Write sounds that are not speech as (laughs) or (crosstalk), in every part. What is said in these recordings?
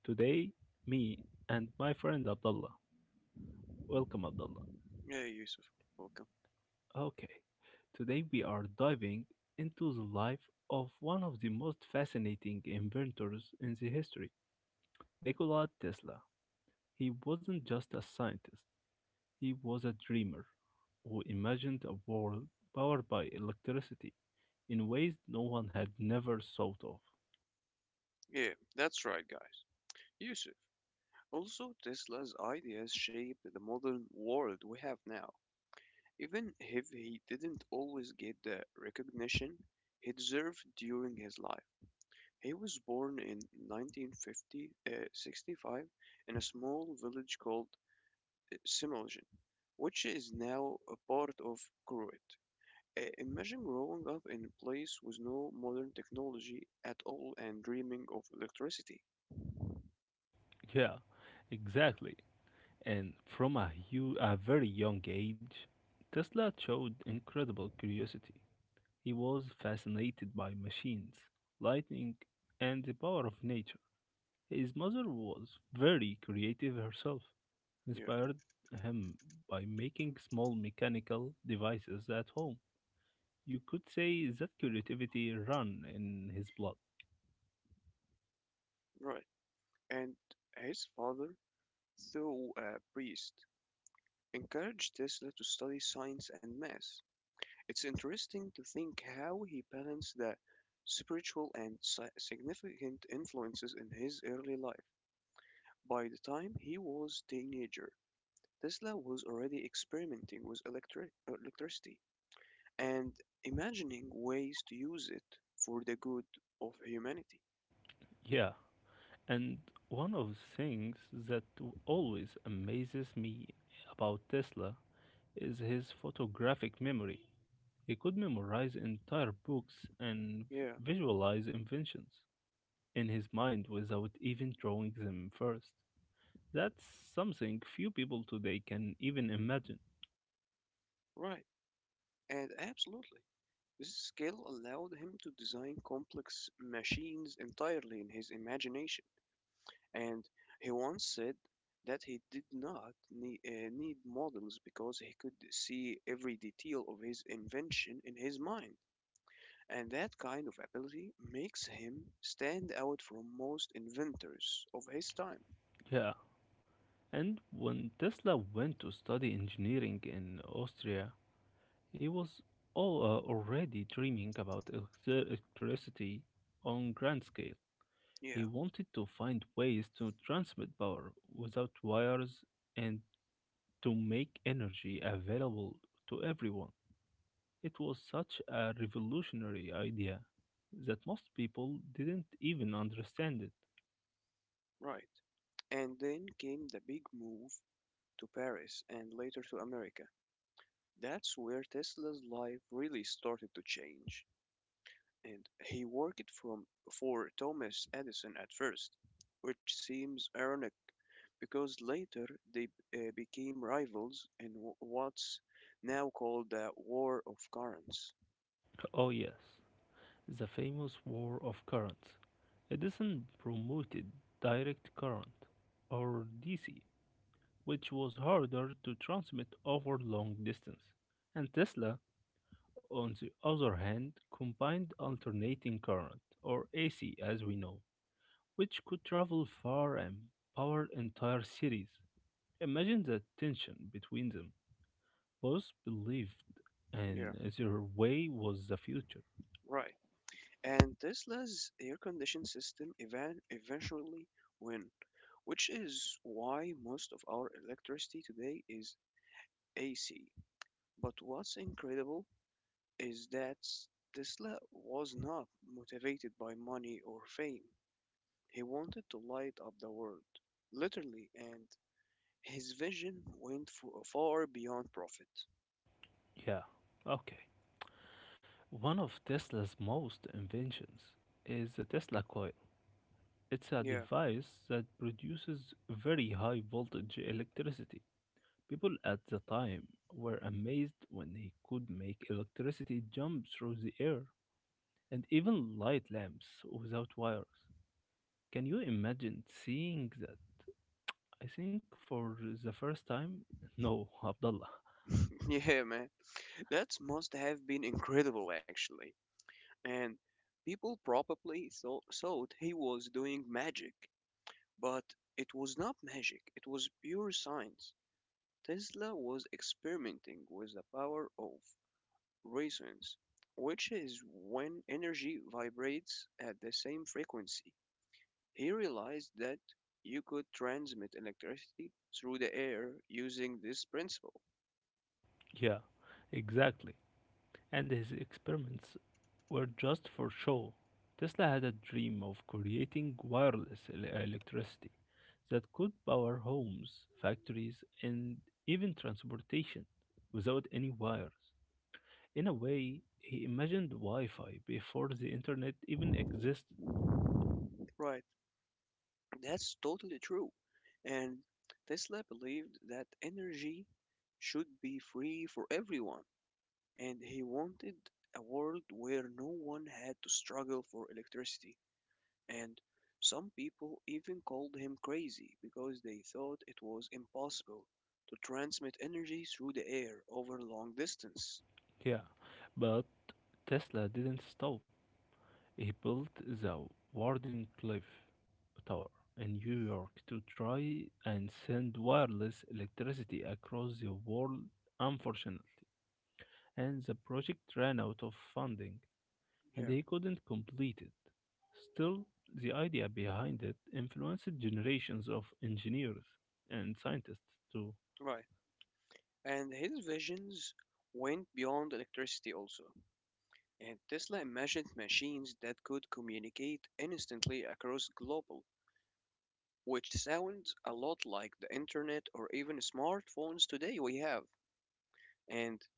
Today, me and my friend Abdullah. Welcome, Abdullah. Yeah, Yusuf, welcome. Okay, today we are diving into the life of one of the most fascinating inventors in the history, Nikola Tesla. He wasn't just a scientist, he was a dreamer who imagined a world powered by electricity in ways no one had never thought of. Yeah, that's right, guys. Yusuf. Also, Tesla's ideas shaped the modern world we have now. Even if he didn't always get the recognition he deserved during his life, he was born in 1950, 65 in a small village called Similjan, which is now a part of Kuwait. Imagine growing up in a place with no modern technology at all and dreaming of electricity. Yeah, exactly. And from a very young age, Tesla showed incredible curiosity. He was fascinated by machines, lightning, and the power of nature. His mother was very creative herself, Yeah. inspired him by making small mechanical devices at home. You could say that creativity ran in his blood. Right. And his father, though a priest, encouraged Tesla to study science and math. It's interesting to think how he balanced the spiritual and significant influences in his early life. By the time he was a teenager, Tesla was already experimenting with electricity and imagining ways to use it for the good of humanity. Yeah, and one of the things that always amazes me about Tesla is his photographic memory. He could memorize entire books and Yeah, visualize inventions in his mind without even drawing them first. That's something few people today can even imagine. right. And absolutely. This skill allowed him to design complex machines entirely in his imagination, and he once said that he did not need models because he could see every detail of his invention in his mind. And that kind of ability makes him stand out from most inventors of his time. Yeah. And when Tesla went to study engineering in Austria, he was already dreaming about electricity on grand scale. He Yeah, wanted to find ways to transmit power without wires and to make energy available to everyone. It was such a revolutionary idea that most people didn't even understand it. right. And then came the big move to Paris and later to America. That's where Tesla's life really started to change. And he worked from for Thomas Edison at first, which seems ironic because later they became rivals in what's now called the War of Currents. Oh, yes, the famous War of Currents. Edison promoted direct current, or DC, which was harder to transmit over long distance, and Tesla, on the other hand, combined alternating current, or AC as we know, which could travel far and power entire cities. Imagine the tension between them. Both believed and Yeah, their way was the future. right. And Tesla's air conditioning system eventually win, which is why most of our electricity today is AC. But what's incredible is that Tesla was not motivated by money or fame. He wanted to light up the world, literally, and his vision went far beyond profit. Yeah, okay. One of Tesla's most inventions is the Tesla coil. It's a Yeah, device that produces very high voltage electricity. People at the time were amazed when he could make electricity jump through the air and even light lamps without wires. Can you imagine seeing that? I think for the first time, no, Abdullah. (laughs) (laughs) yeah, man. That must have been incredible, actually. And people probably thought he was doing magic, but it was not magic, it was pure science. Tesla was experimenting with the power of resonance, which is when energy vibrates at the same frequency. He realized that you could transmit electricity through the air using this principle. Yeah, exactly. And his experiments were just for show. Tesla had a dream of creating wireless electricity that could power homes, factories, and even transportation without any wires. In a way, he imagined Wi Fi before the internet even existed. Right. That's totally true. And Tesla believed that energy should be free for everyone, and he wanted a world where no one had to struggle for electricity. And some people even called him crazy because they thought it was impossible to transmit energy through the air over long distance. Yeah, but Tesla didn't stop. He built the Wardenclyffe Tower in New York to try and send wireless electricity across the world. Unfortunately, and the project ran out of funding and Yeah. he couldn't complete it. Still, the idea behind it influenced generations of engineers and scientists too. Right. And his visions went beyond electricity also. And Tesla imagined machines that could communicate instantly across global, which sounds a lot like the internet or even smartphones today we have. And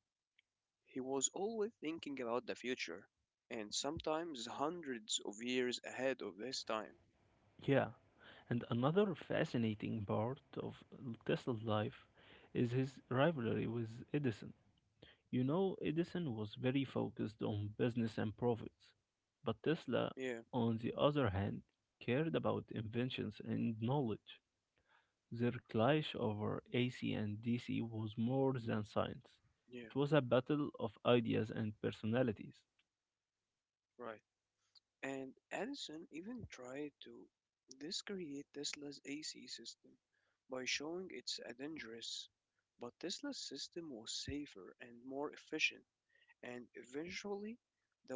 he was always thinking about the future, and sometimes hundreds of years ahead of his time. Yeah, and another fascinating part of Tesla's life is his rivalry with Edison. You know, Edison was very focused on business and profits, but Tesla, Yeah, on the other hand, cared about inventions and knowledge. Their clash over AC and DC was more than science. It yeah, was a battle of ideas and personalities. right. And Edison even tried to discredit Tesla's AC system by showing it's a dangerous, but Tesla's system was safer and more efficient, and eventually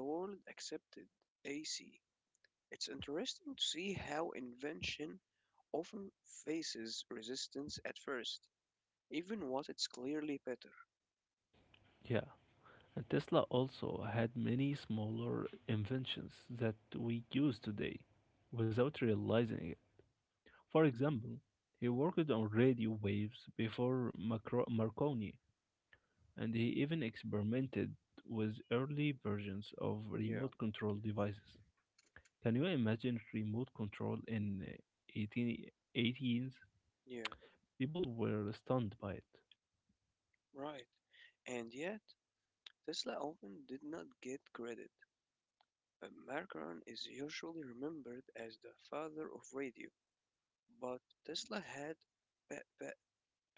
the world accepted AC. It's interesting to see how invention often faces resistance at first, even what it's clearly better. Yeah, and Tesla also had many smaller inventions that we use today without realizing it. For example, he worked on radio waves before Marconi and he even experimented with early versions of remote Yeah, control devices. Can you imagine remote control in yeah, people were stunned by it. right. And yet, Tesla often did not get credit. Marcon is usually remembered as the father of radio, but Tesla had pa- pa-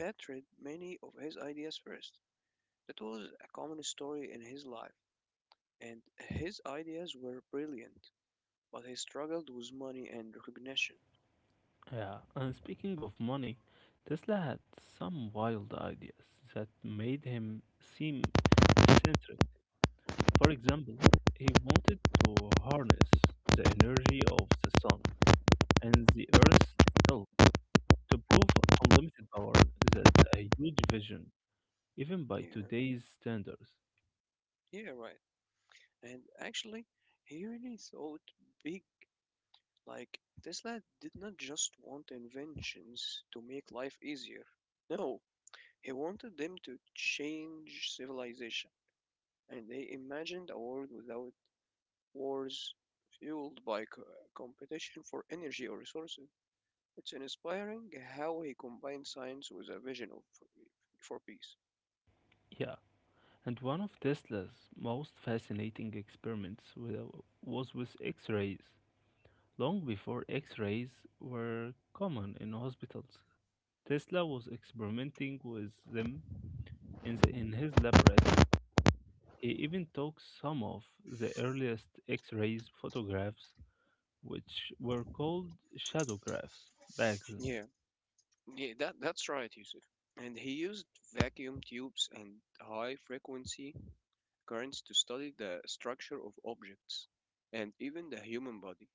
patented many of his ideas first. That was a common story in his life, and his ideas were brilliant, but he struggled with money and recognition. Yeah, and speaking of money, Tesla had some wild ideas that made him seem eccentric. For example, he wanted to harness the energy of the sun and the earth itself to prove unlimited power. That's a huge vision, even by Yeah, today's standards. yeah, right. And actually, he really thought big. Like, Tesla did not just want inventions to make life easier. No, he wanted them to change civilization. And they imagined a world without wars fueled by competition for energy or resources. It's inspiring how he combined science with a vision of for peace. Yeah, and one of Tesla's most fascinating experiments was with X rays. Long before X rays were common in hospitals, Tesla was experimenting with them in his laboratory. He even took some of the earliest X rays photographs, which were called shadographs back then. Yeah, yeah, that's right, Yusuf. And he used vacuum tubes and high frequency currents to study the structure of objects and even the human body.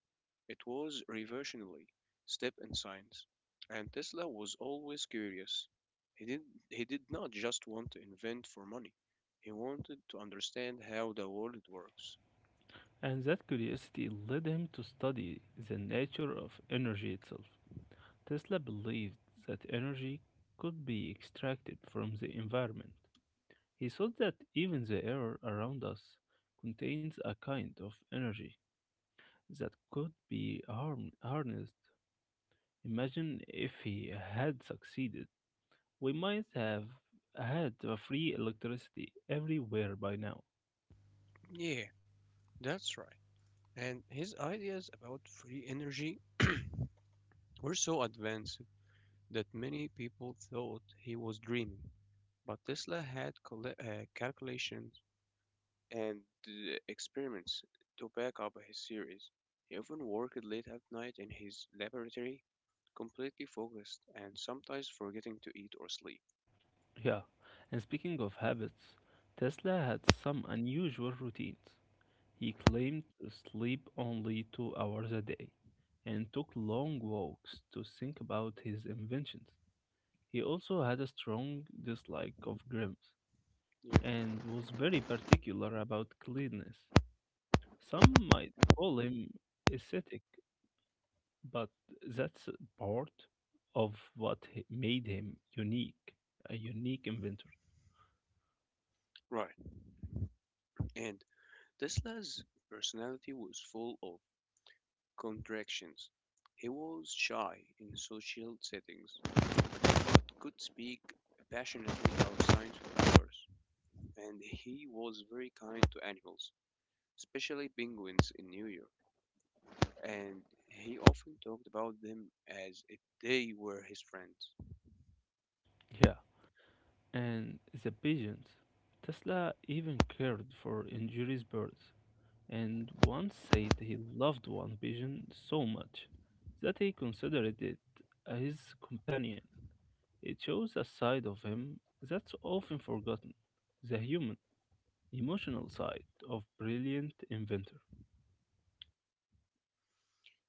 It was a revolutionary step in science, and Tesla was always curious. He did, he did not just want to invent for money, he wanted to understand how the world works. And that curiosity led him to study the nature of energy itself. Tesla believed that energy could be extracted from the environment. He thought that even the air around us contains a kind of energy that could be harnessed. Imagine if he had succeeded. We might have had a free electricity everywhere by now. Yeah, that's right. And his ideas about free energy (clears throat) were so advanced that many people thought he was dreaming. But Tesla had calculations and experiments to back up his theories. He often worked late at night in his laboratory, completely focused and sometimes forgetting to eat or sleep. Yeah, and speaking of habits, Tesla had some unusual routines. He claimed to sleep only 2 hours a day and took long walks to think about his inventions. He also had a strong dislike of grims Yeah. and was very particular about cleanliness. Some might call him ascetic, but that's part of what made him unique, a unique inventor. Right, and Tesla's personality was full of contradictions. He was shy in social settings, could speak passionately about science for hours, and he was very kind to animals, especially penguins in New York. And he often talked about them as if they were his friends. Yeah, and the pigeons. Tesla even cared for injured birds and once said he loved one pigeon so much that he considered it his companion. It shows a side of him that's often forgotten, the human, emotional side of brilliant inventor.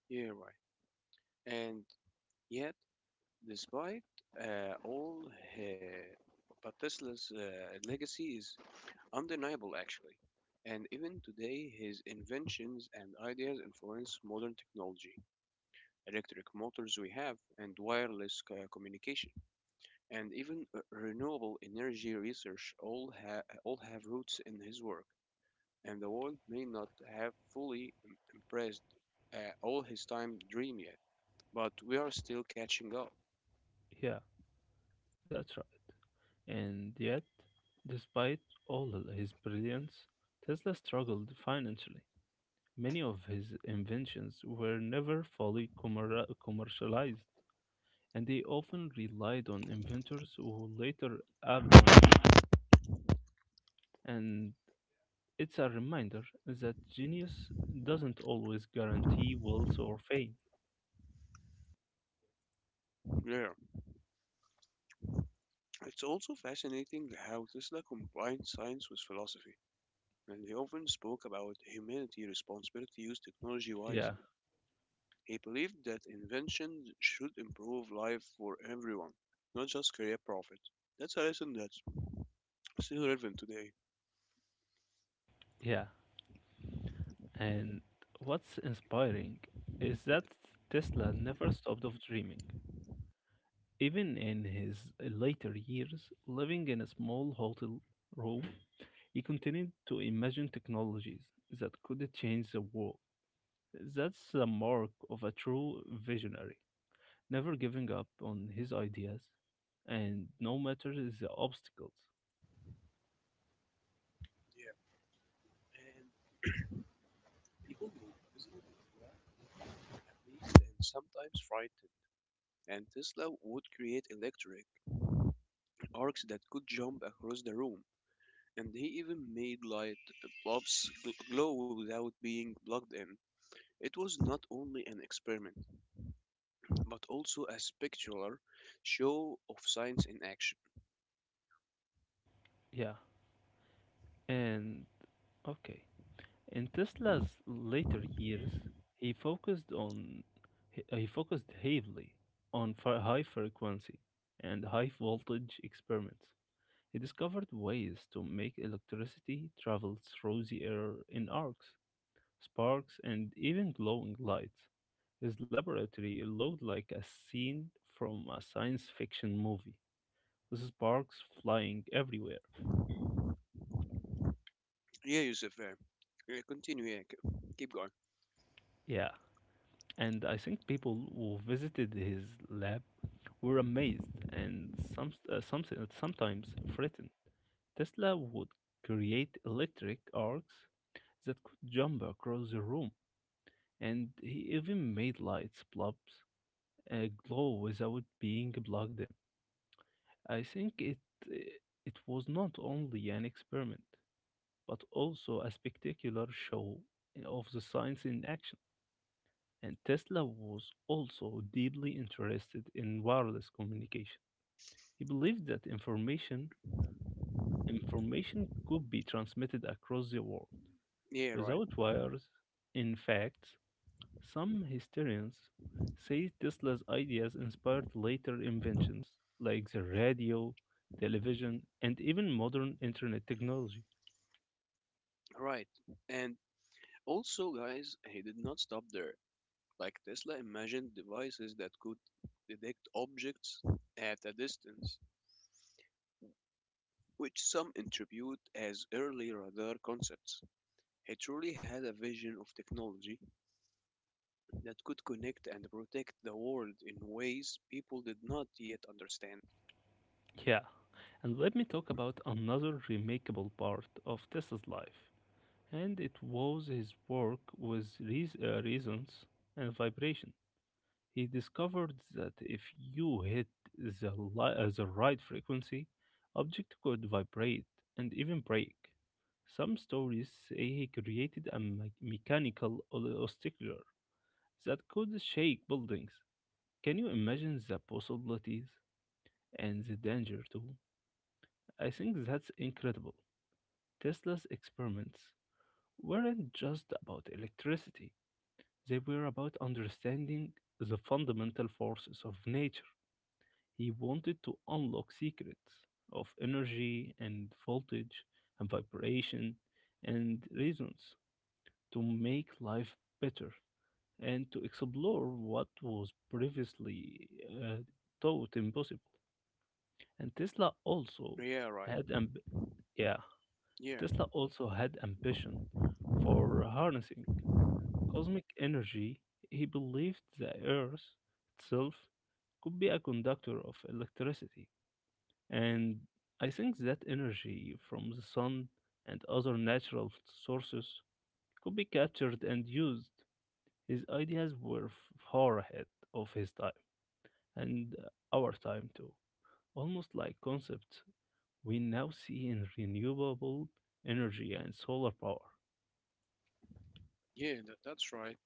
Yeah, right. And yet, despite uh, all, uh, but Tesla's legacy is undeniable, actually. And even today, his inventions and ideas influence modern technology, electric motors we have, and wireless communication, and even renewable energy research all have roots in his work, and the world may not have fully praised uh, all his time dream yet, but we are still catching up. Yeah, that's right. And yet, despite all his brilliance, Tesla struggled financially. Many of his inventions were never fully commercialized, and they often relied on inventors who later outdone them. And it's a reminder that genius doesn't always guarantee wealth or fame. Yeah, it's also fascinating how Tesla combined science with philosophy, and he often spoke about humanity's responsibility to use technology Yeah, wisely. He believed that invention should improve life for everyone, not just create profit. That's a lesson that's still relevant today. yeah. And what's inspiring is that Tesla never stopped of dreaming. Even in his later years, living in a small hotel room, he continued to imagine technologies that could change the world. That's the mark of a true visionary, never giving up on his ideas, and no matter the obstacles. Yeah, and people were visible, amazed, and sometimes frightened. And Tesla would create electric arcs that could jump across the room, and he even made light bulbs glow without being plugged in. It was not only an experiment, but also a spectacular show of science in action. Yeah, and okay. In Tesla's later years, he focused on he focused heavily on high frequency and high voltage experiments. He discovered ways to make electricity travel through the air in arcs, sparks, and even glowing lights. His laboratory looked like a scene from a science fiction movie, with sparks flying everywhere. Yeah, Yusuf, uh, yeah, continue, yeah, keep going. Yeah, and I think people who visited his lab were amazed and sometimes frightened. Tesla would create electric arcs that could jump across the room, and he even made lights bulbs glow without being plugged in. I think it was not only an experiment, but also a spectacular show of the science in action. And Tesla was also deeply interested in wireless communication. He believed that information could be transmitted across the world Yeah, right, without wires. In fact, some historians say Tesla's ideas inspired later inventions like the radio, television, and even modern internet technology. right. And also, guys, he did not stop there. Like Tesla imagined devices that could detect objects at a distance, which some attribute as early radar concepts. He truly had a vision of technology that could connect and protect the world in ways people did not yet understand. Yeah, and let me talk about another remarkable part of Tesla's life, and it was his work with resonance and vibration. He discovered that if you hit the right frequency, object could vibrate and even break. Some stories say he created a mechanical obstacle that could shake buildings. Can you imagine the possibilities and the danger too? I think that's incredible. Tesla's experiments weren't just about electricity, they were about understanding the fundamental forces of nature. He wanted to unlock secrets of energy and voltage and vibration and reasons to make life better and to explore what was previously uh, thought impossible. And Yeah, right. had amb- yeah, Yeah, Tesla also had ambition for harnessing cosmic energy. He believed the Earth itself could be a conductor of electricity. And I think that energy from the sun and other natural sources could be captured and used. His ideas were far ahead of his time and our time too, almost like concepts we now see in renewable energy and solar power. yeah, that's right.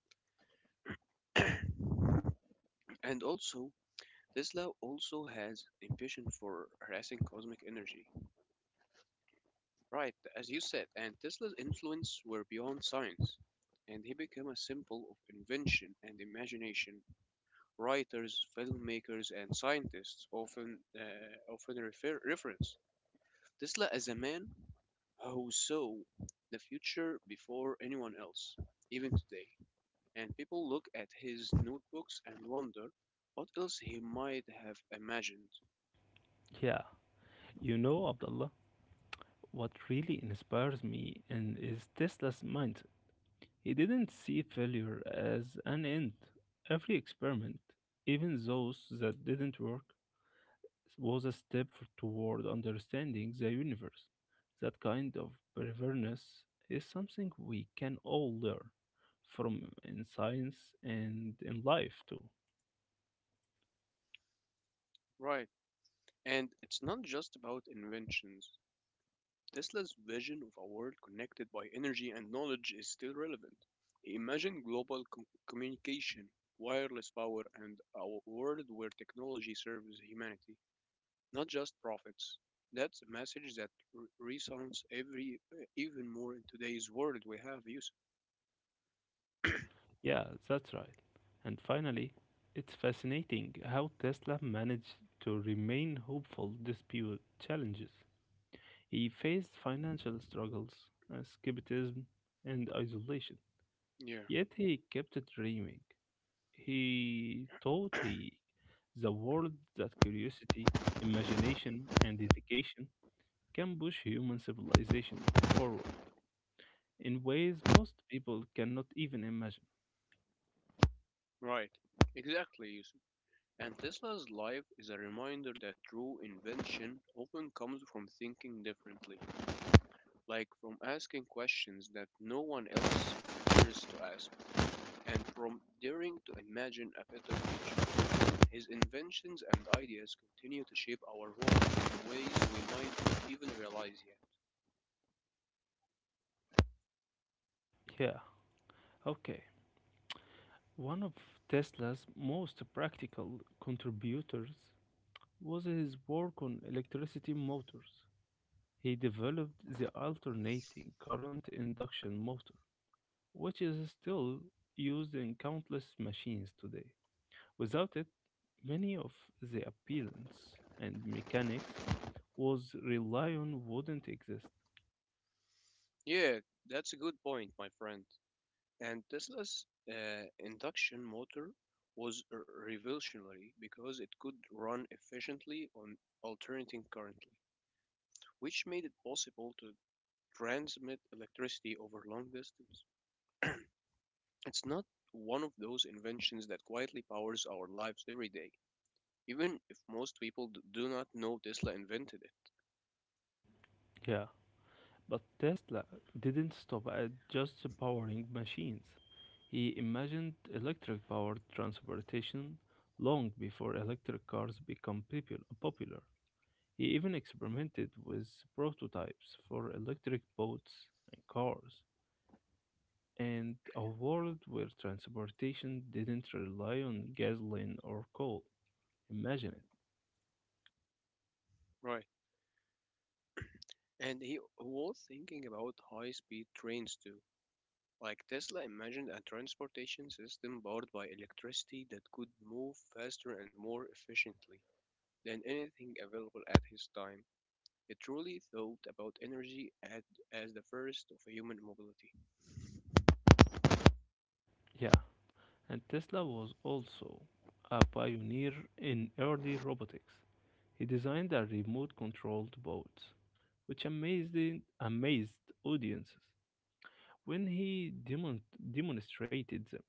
(coughs) And also, Tesla also has a vision for harassing cosmic energy. Right, as you said, and Tesla's influence were beyond science, and he became a symbol of invention and imagination. Writers, filmmakers, and scientists often reference Tesla as a man who saw the future before anyone else, even today. And people look at his notebooks and wonder what else he might have imagined. Yeah, you know, Abdullah, what really inspires me and is Tesla's mindset. He didn't see failure as an end. Every experiment, even those that didn't work, was a step toward understanding the universe. That kind of perverseness is something we can all learn from in science and in life too. Right, and it's not just about inventions. Tesla's vision of a world connected by energy and knowledge is still relevant. He imagined global communication, wireless power, and a world where technology serves humanity, not just profits. That's a message that re- resounds even more in today's world we have, Yusuf. Yeah, that's right. And finally, it's fascinating how Tesla managed to remain hopeful despite challenges. He faced financial struggles, escapism, and isolation. Yeah, Yet he kept dreaming. He taught the world that curiosity, imagination, and dedication can push human civilization forward in ways most people cannot even imagine. right. Exactly, Yusuf. And Tesla's life is a reminder that true invention often comes from thinking differently. Like from asking questions that no one else dares to ask, and from daring to imagine a better future. His inventions and ideas continue to shape our world in ways we might not even realize yet. Yeah, okay. One of Tesla's most practical contributors was his work on electricity motors. He developed the alternating current induction motor, which is still used in countless machines today. Without it, many of the appearance and mechanics was rely on wouldn't exist. Yeah, that's a good point, my friend. And Tesla's induction motor was revolutionary because it could run efficiently on alternating currently, which made it possible to transmit electricity over long distances. It's not one of those inventions that quietly powers our lives every day, even if most people do not know Tesla invented it. Yeah, but Tesla didn't stop at just powering machines. He imagined electric powered transportation long before electric cars became popular. He even experimented with prototypes for electric boats and cars, and a world where transportation didn't rely on gasoline or coal. Imagine it. Right. And he was thinking about high speed trains too. Like Tesla imagined a transportation system powered by electricity that could move faster and more efficiently than anything available at his time. It truly thought about energy at, as the first of human mobility. Yeah, and Tesla was also a pioneer in early robotics. He designed a remote controlled boat, which amazed audiences when he demonstrated them.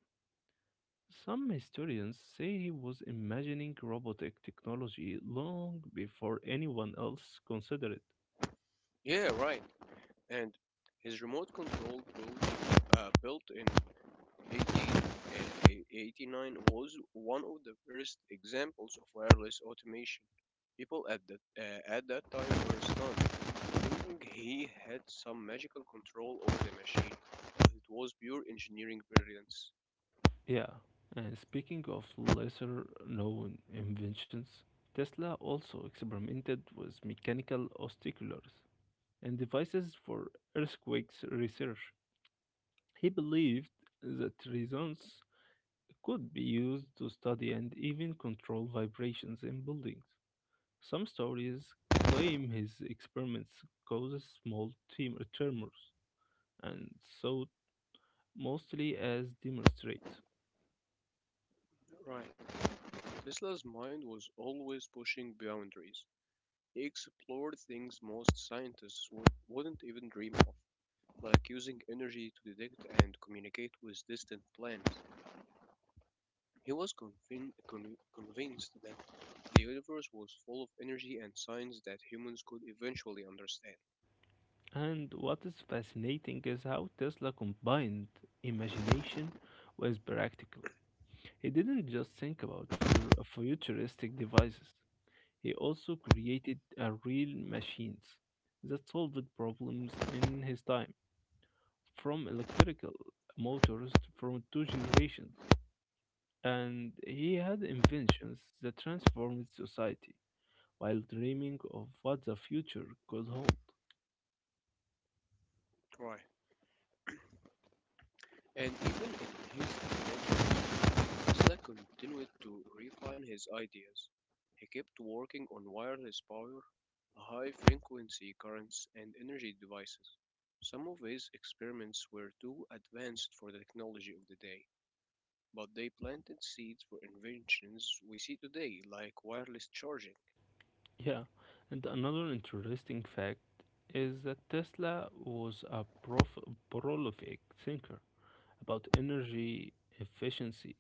Some historians say he was imagining robotic technology long before anyone else considered it. Yeah, right. And his built in 1889 was one of the first examples of wireless automation. People at that time were stunned, thinking he had some magical control over the machine, but it was pure engineering brilliance. Yeah, and speaking of lesser known inventions, Tesla also experimented with mechanical oscillators and devices for earthquakes research. He believed that results could be used to study and even control vibrations in buildings. Some stories claim his experiments causes small tumors, and so mostly as demonstrate. Right. Tesla's mind was always pushing boundaries. He explored things most scientists wouldn't even dream of, like using energy to detect and communicate with distant planets. He was convinced that the universe was full of energy and science that humans could eventually understand. And what is fascinating is how Tesla combined imagination with practical. He didn't just think about for futuristic devices. He also created a real machines that solved problems in his time, from electrical motors from two generations, and he had inventions that transformed society while dreaming of what the future could hold. Right. And even in his dementia, Tesla continued to refine his ideas. He kept working on wireless power, high frequency currents, and energy devices. Some of his experiments were too advanced for the technology of the day, but they planted seeds for inventions we see today, like wireless charging. Yeah, and another interesting fact is that Tesla was a prolific thinker about energy efficiency.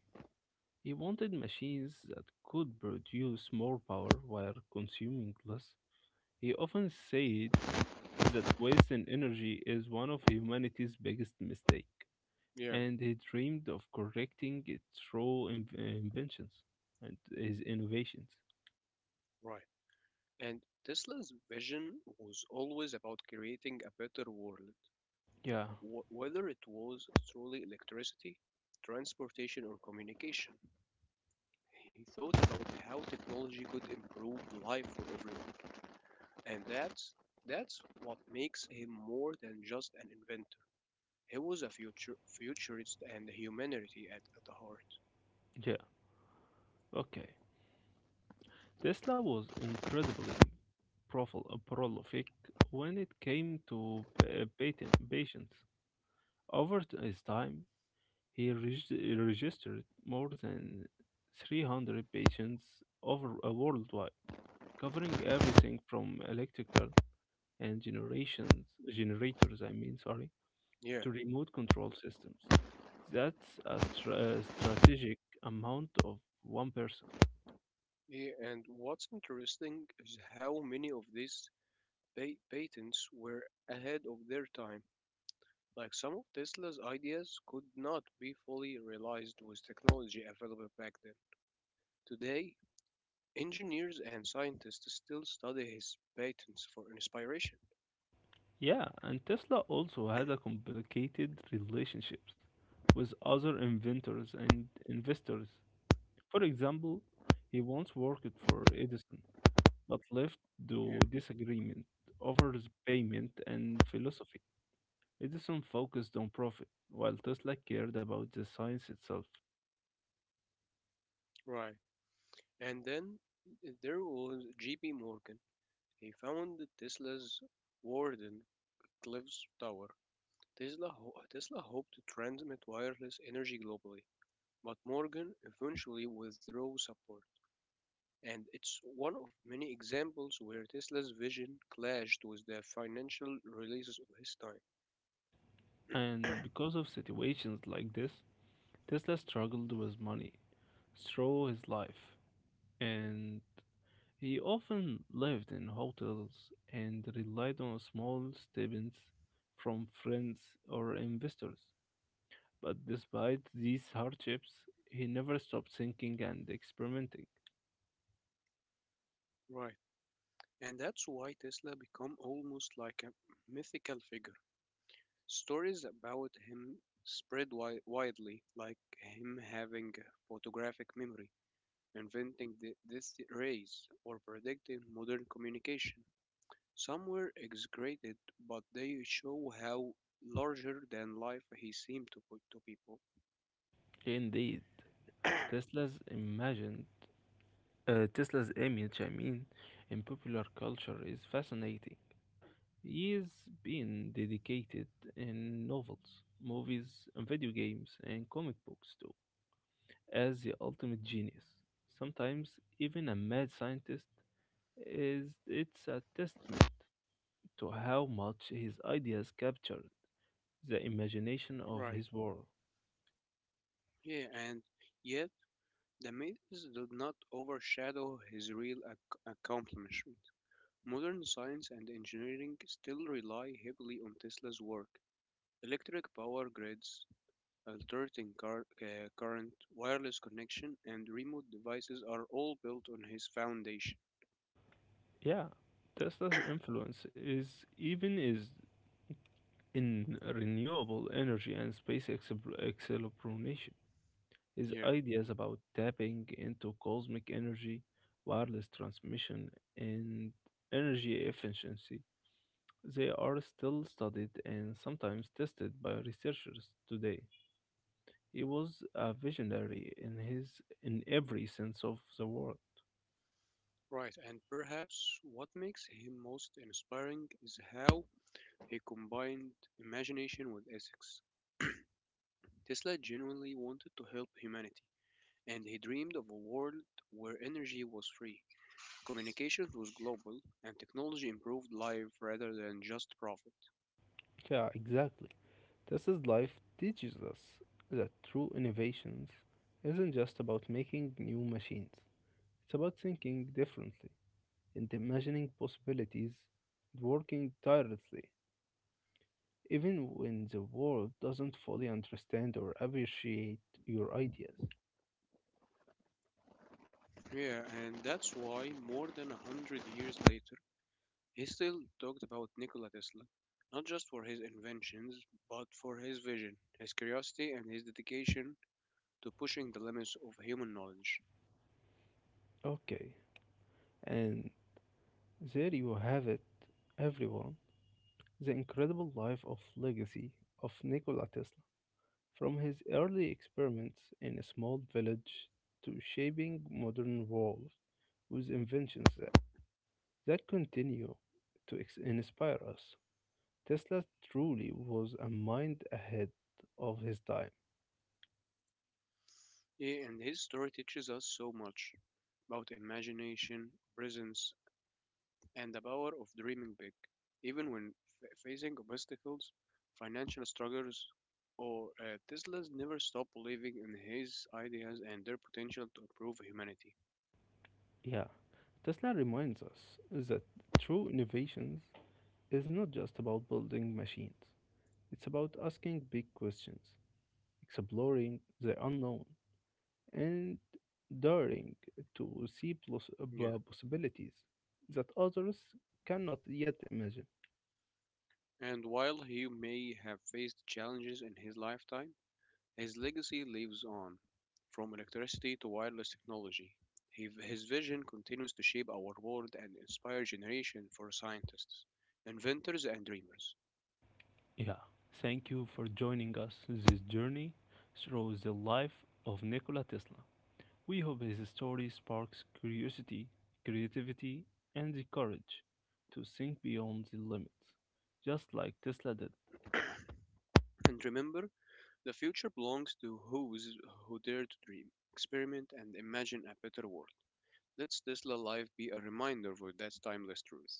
He wanted machines that could produce more power while consuming less. He often said that wasting energy is one of humanity's biggest mistakes, Yeah. and he dreamed of correcting it through inventions and his innovations. Right. And Tesla's vision was always about creating a better world, Yeah, whether it was through electricity, transportation, or communication. He thought about how technology could improve life for everyone, and that's what makes him more than just an inventor. He was a future futurist and humanity at the heart. yeah, okay. Tesla was incredibly prolific when it came to patients. Over his time, he registered more than 300 patients over worldwide, covering everything from electrical and generations generators. I mean, sorry, Yeah. to remote control systems. That's a strategic amount of one person. Yeah. And what's interesting is how many of these patents were ahead of their time. Like some of Tesla's ideas could not be fully realized with technology available back then. Today, engineers and scientists still study his patents for inspiration. Yeah, and Tesla also had a complicated relationships with other inventors and investors. For example, he once worked for Edison, but left Yeah, the disagreement over his payment and philosophy. Edison focused on profit, while Tesla cared about the science itself. right. And then there was J.P. Morgan. He founded Tesla's Warden Cliffs Tower. Tesla hoped to transmit wireless energy globally, but Morgan eventually withdrew support. And it's one of many examples where Tesla's vision clashed with the financial releases of his time. And because of situations like this, Tesla struggled with money through his life, and he often lived in hotels and relied on small stipends from friends or investors. But despite these hardships, he never stopped thinking and experimenting. Right. And that's why Tesla became almost like a mythical figure. Stories about him spread widely, like him having a photographic memory, inventing the this rays, or predicting modern communication. Some were exaggerated, but they show how larger than life he seemed to people. Indeed, (clears throat) Tesla's imagine, Tesla's image, I mean, in popular culture is fascinating. He's been dedicated in novels, movies, and video games, and comic books too, as the ultimate genius. Sometimes even a mad scientist, is it's a testament to how much his ideas captured the imagination of Right. his world. Yeah, and yet the myths do not overshadow his real accomplishment. Modern science and engineering still rely heavily on Tesla's work. Electric power grids, current, wireless connection, and remote devices are all built on his foundation. Yeah, Tesla's influence is even is in renewable energy and space exploration. His Yeah, ideas about tapping into cosmic energy, wireless transmission, and energy efficiency, they are still studied and sometimes tested by researchers today. He was a visionary in his in every sense of the word. right. And perhaps what makes him most inspiring is how he combined imagination with ethics. Tesla genuinely wanted to help humanity and he dreamed of a world where energy was free, communications was global, and technology improved life rather than just profit. Yeah, exactly. Tesla's life teaches us that true innovations isn't just about making new machines. It's about thinking differently and imagining possibilities, and working tirelessly, even when the world doesn't fully understand or appreciate your ideas. Yeah, and that's why more than 100 years later, he still talked about Nikola Tesla, not just for his inventions, but for his vision, his curiosity, and his dedication to pushing the limits of human knowledge. Okay, and there you have it, everyone. The incredible life of legacy of Nikola Tesla, from his early experiments in a small village to shaping modern world with inventions that continue to inspire us. Tesla truly was a mind ahead of his time. Yeah, and his story teaches us so much about imagination, presence, and the power of dreaming big, even when facing obstacles, financial struggles, or Tesla's never stopped believing in his ideas and their potential to improve humanity. Yeah, Tesla reminds us that true innovations is not just about building machines. It's about asking big questions, exploring the unknown, and daring to see Yeah. Possibilities that others cannot yet imagine. And while he may have faced challenges in his lifetime, his legacy lives on. From electricity to wireless technology, his vision continues to shape our world and inspire generation for scientists, inventors, and dreamers. Yeah, thank you for joining us this journey through the life of Nikola Tesla. We hope his story sparks curiosity, creativity, and the courage to think beyond the limits, just like Tesla did. And remember, the future belongs to those who dare to dream, experiment, and imagine a better world. Let's Tesla Live be a reminder for that timeless truth.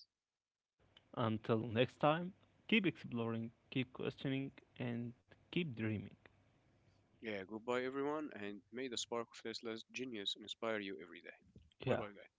Until next time, keep exploring, keep questioning, and keep dreaming. Yeah, goodbye everyone, and may the spark of Tesla's genius inspire you every day. Bye bye, Yeah, guys.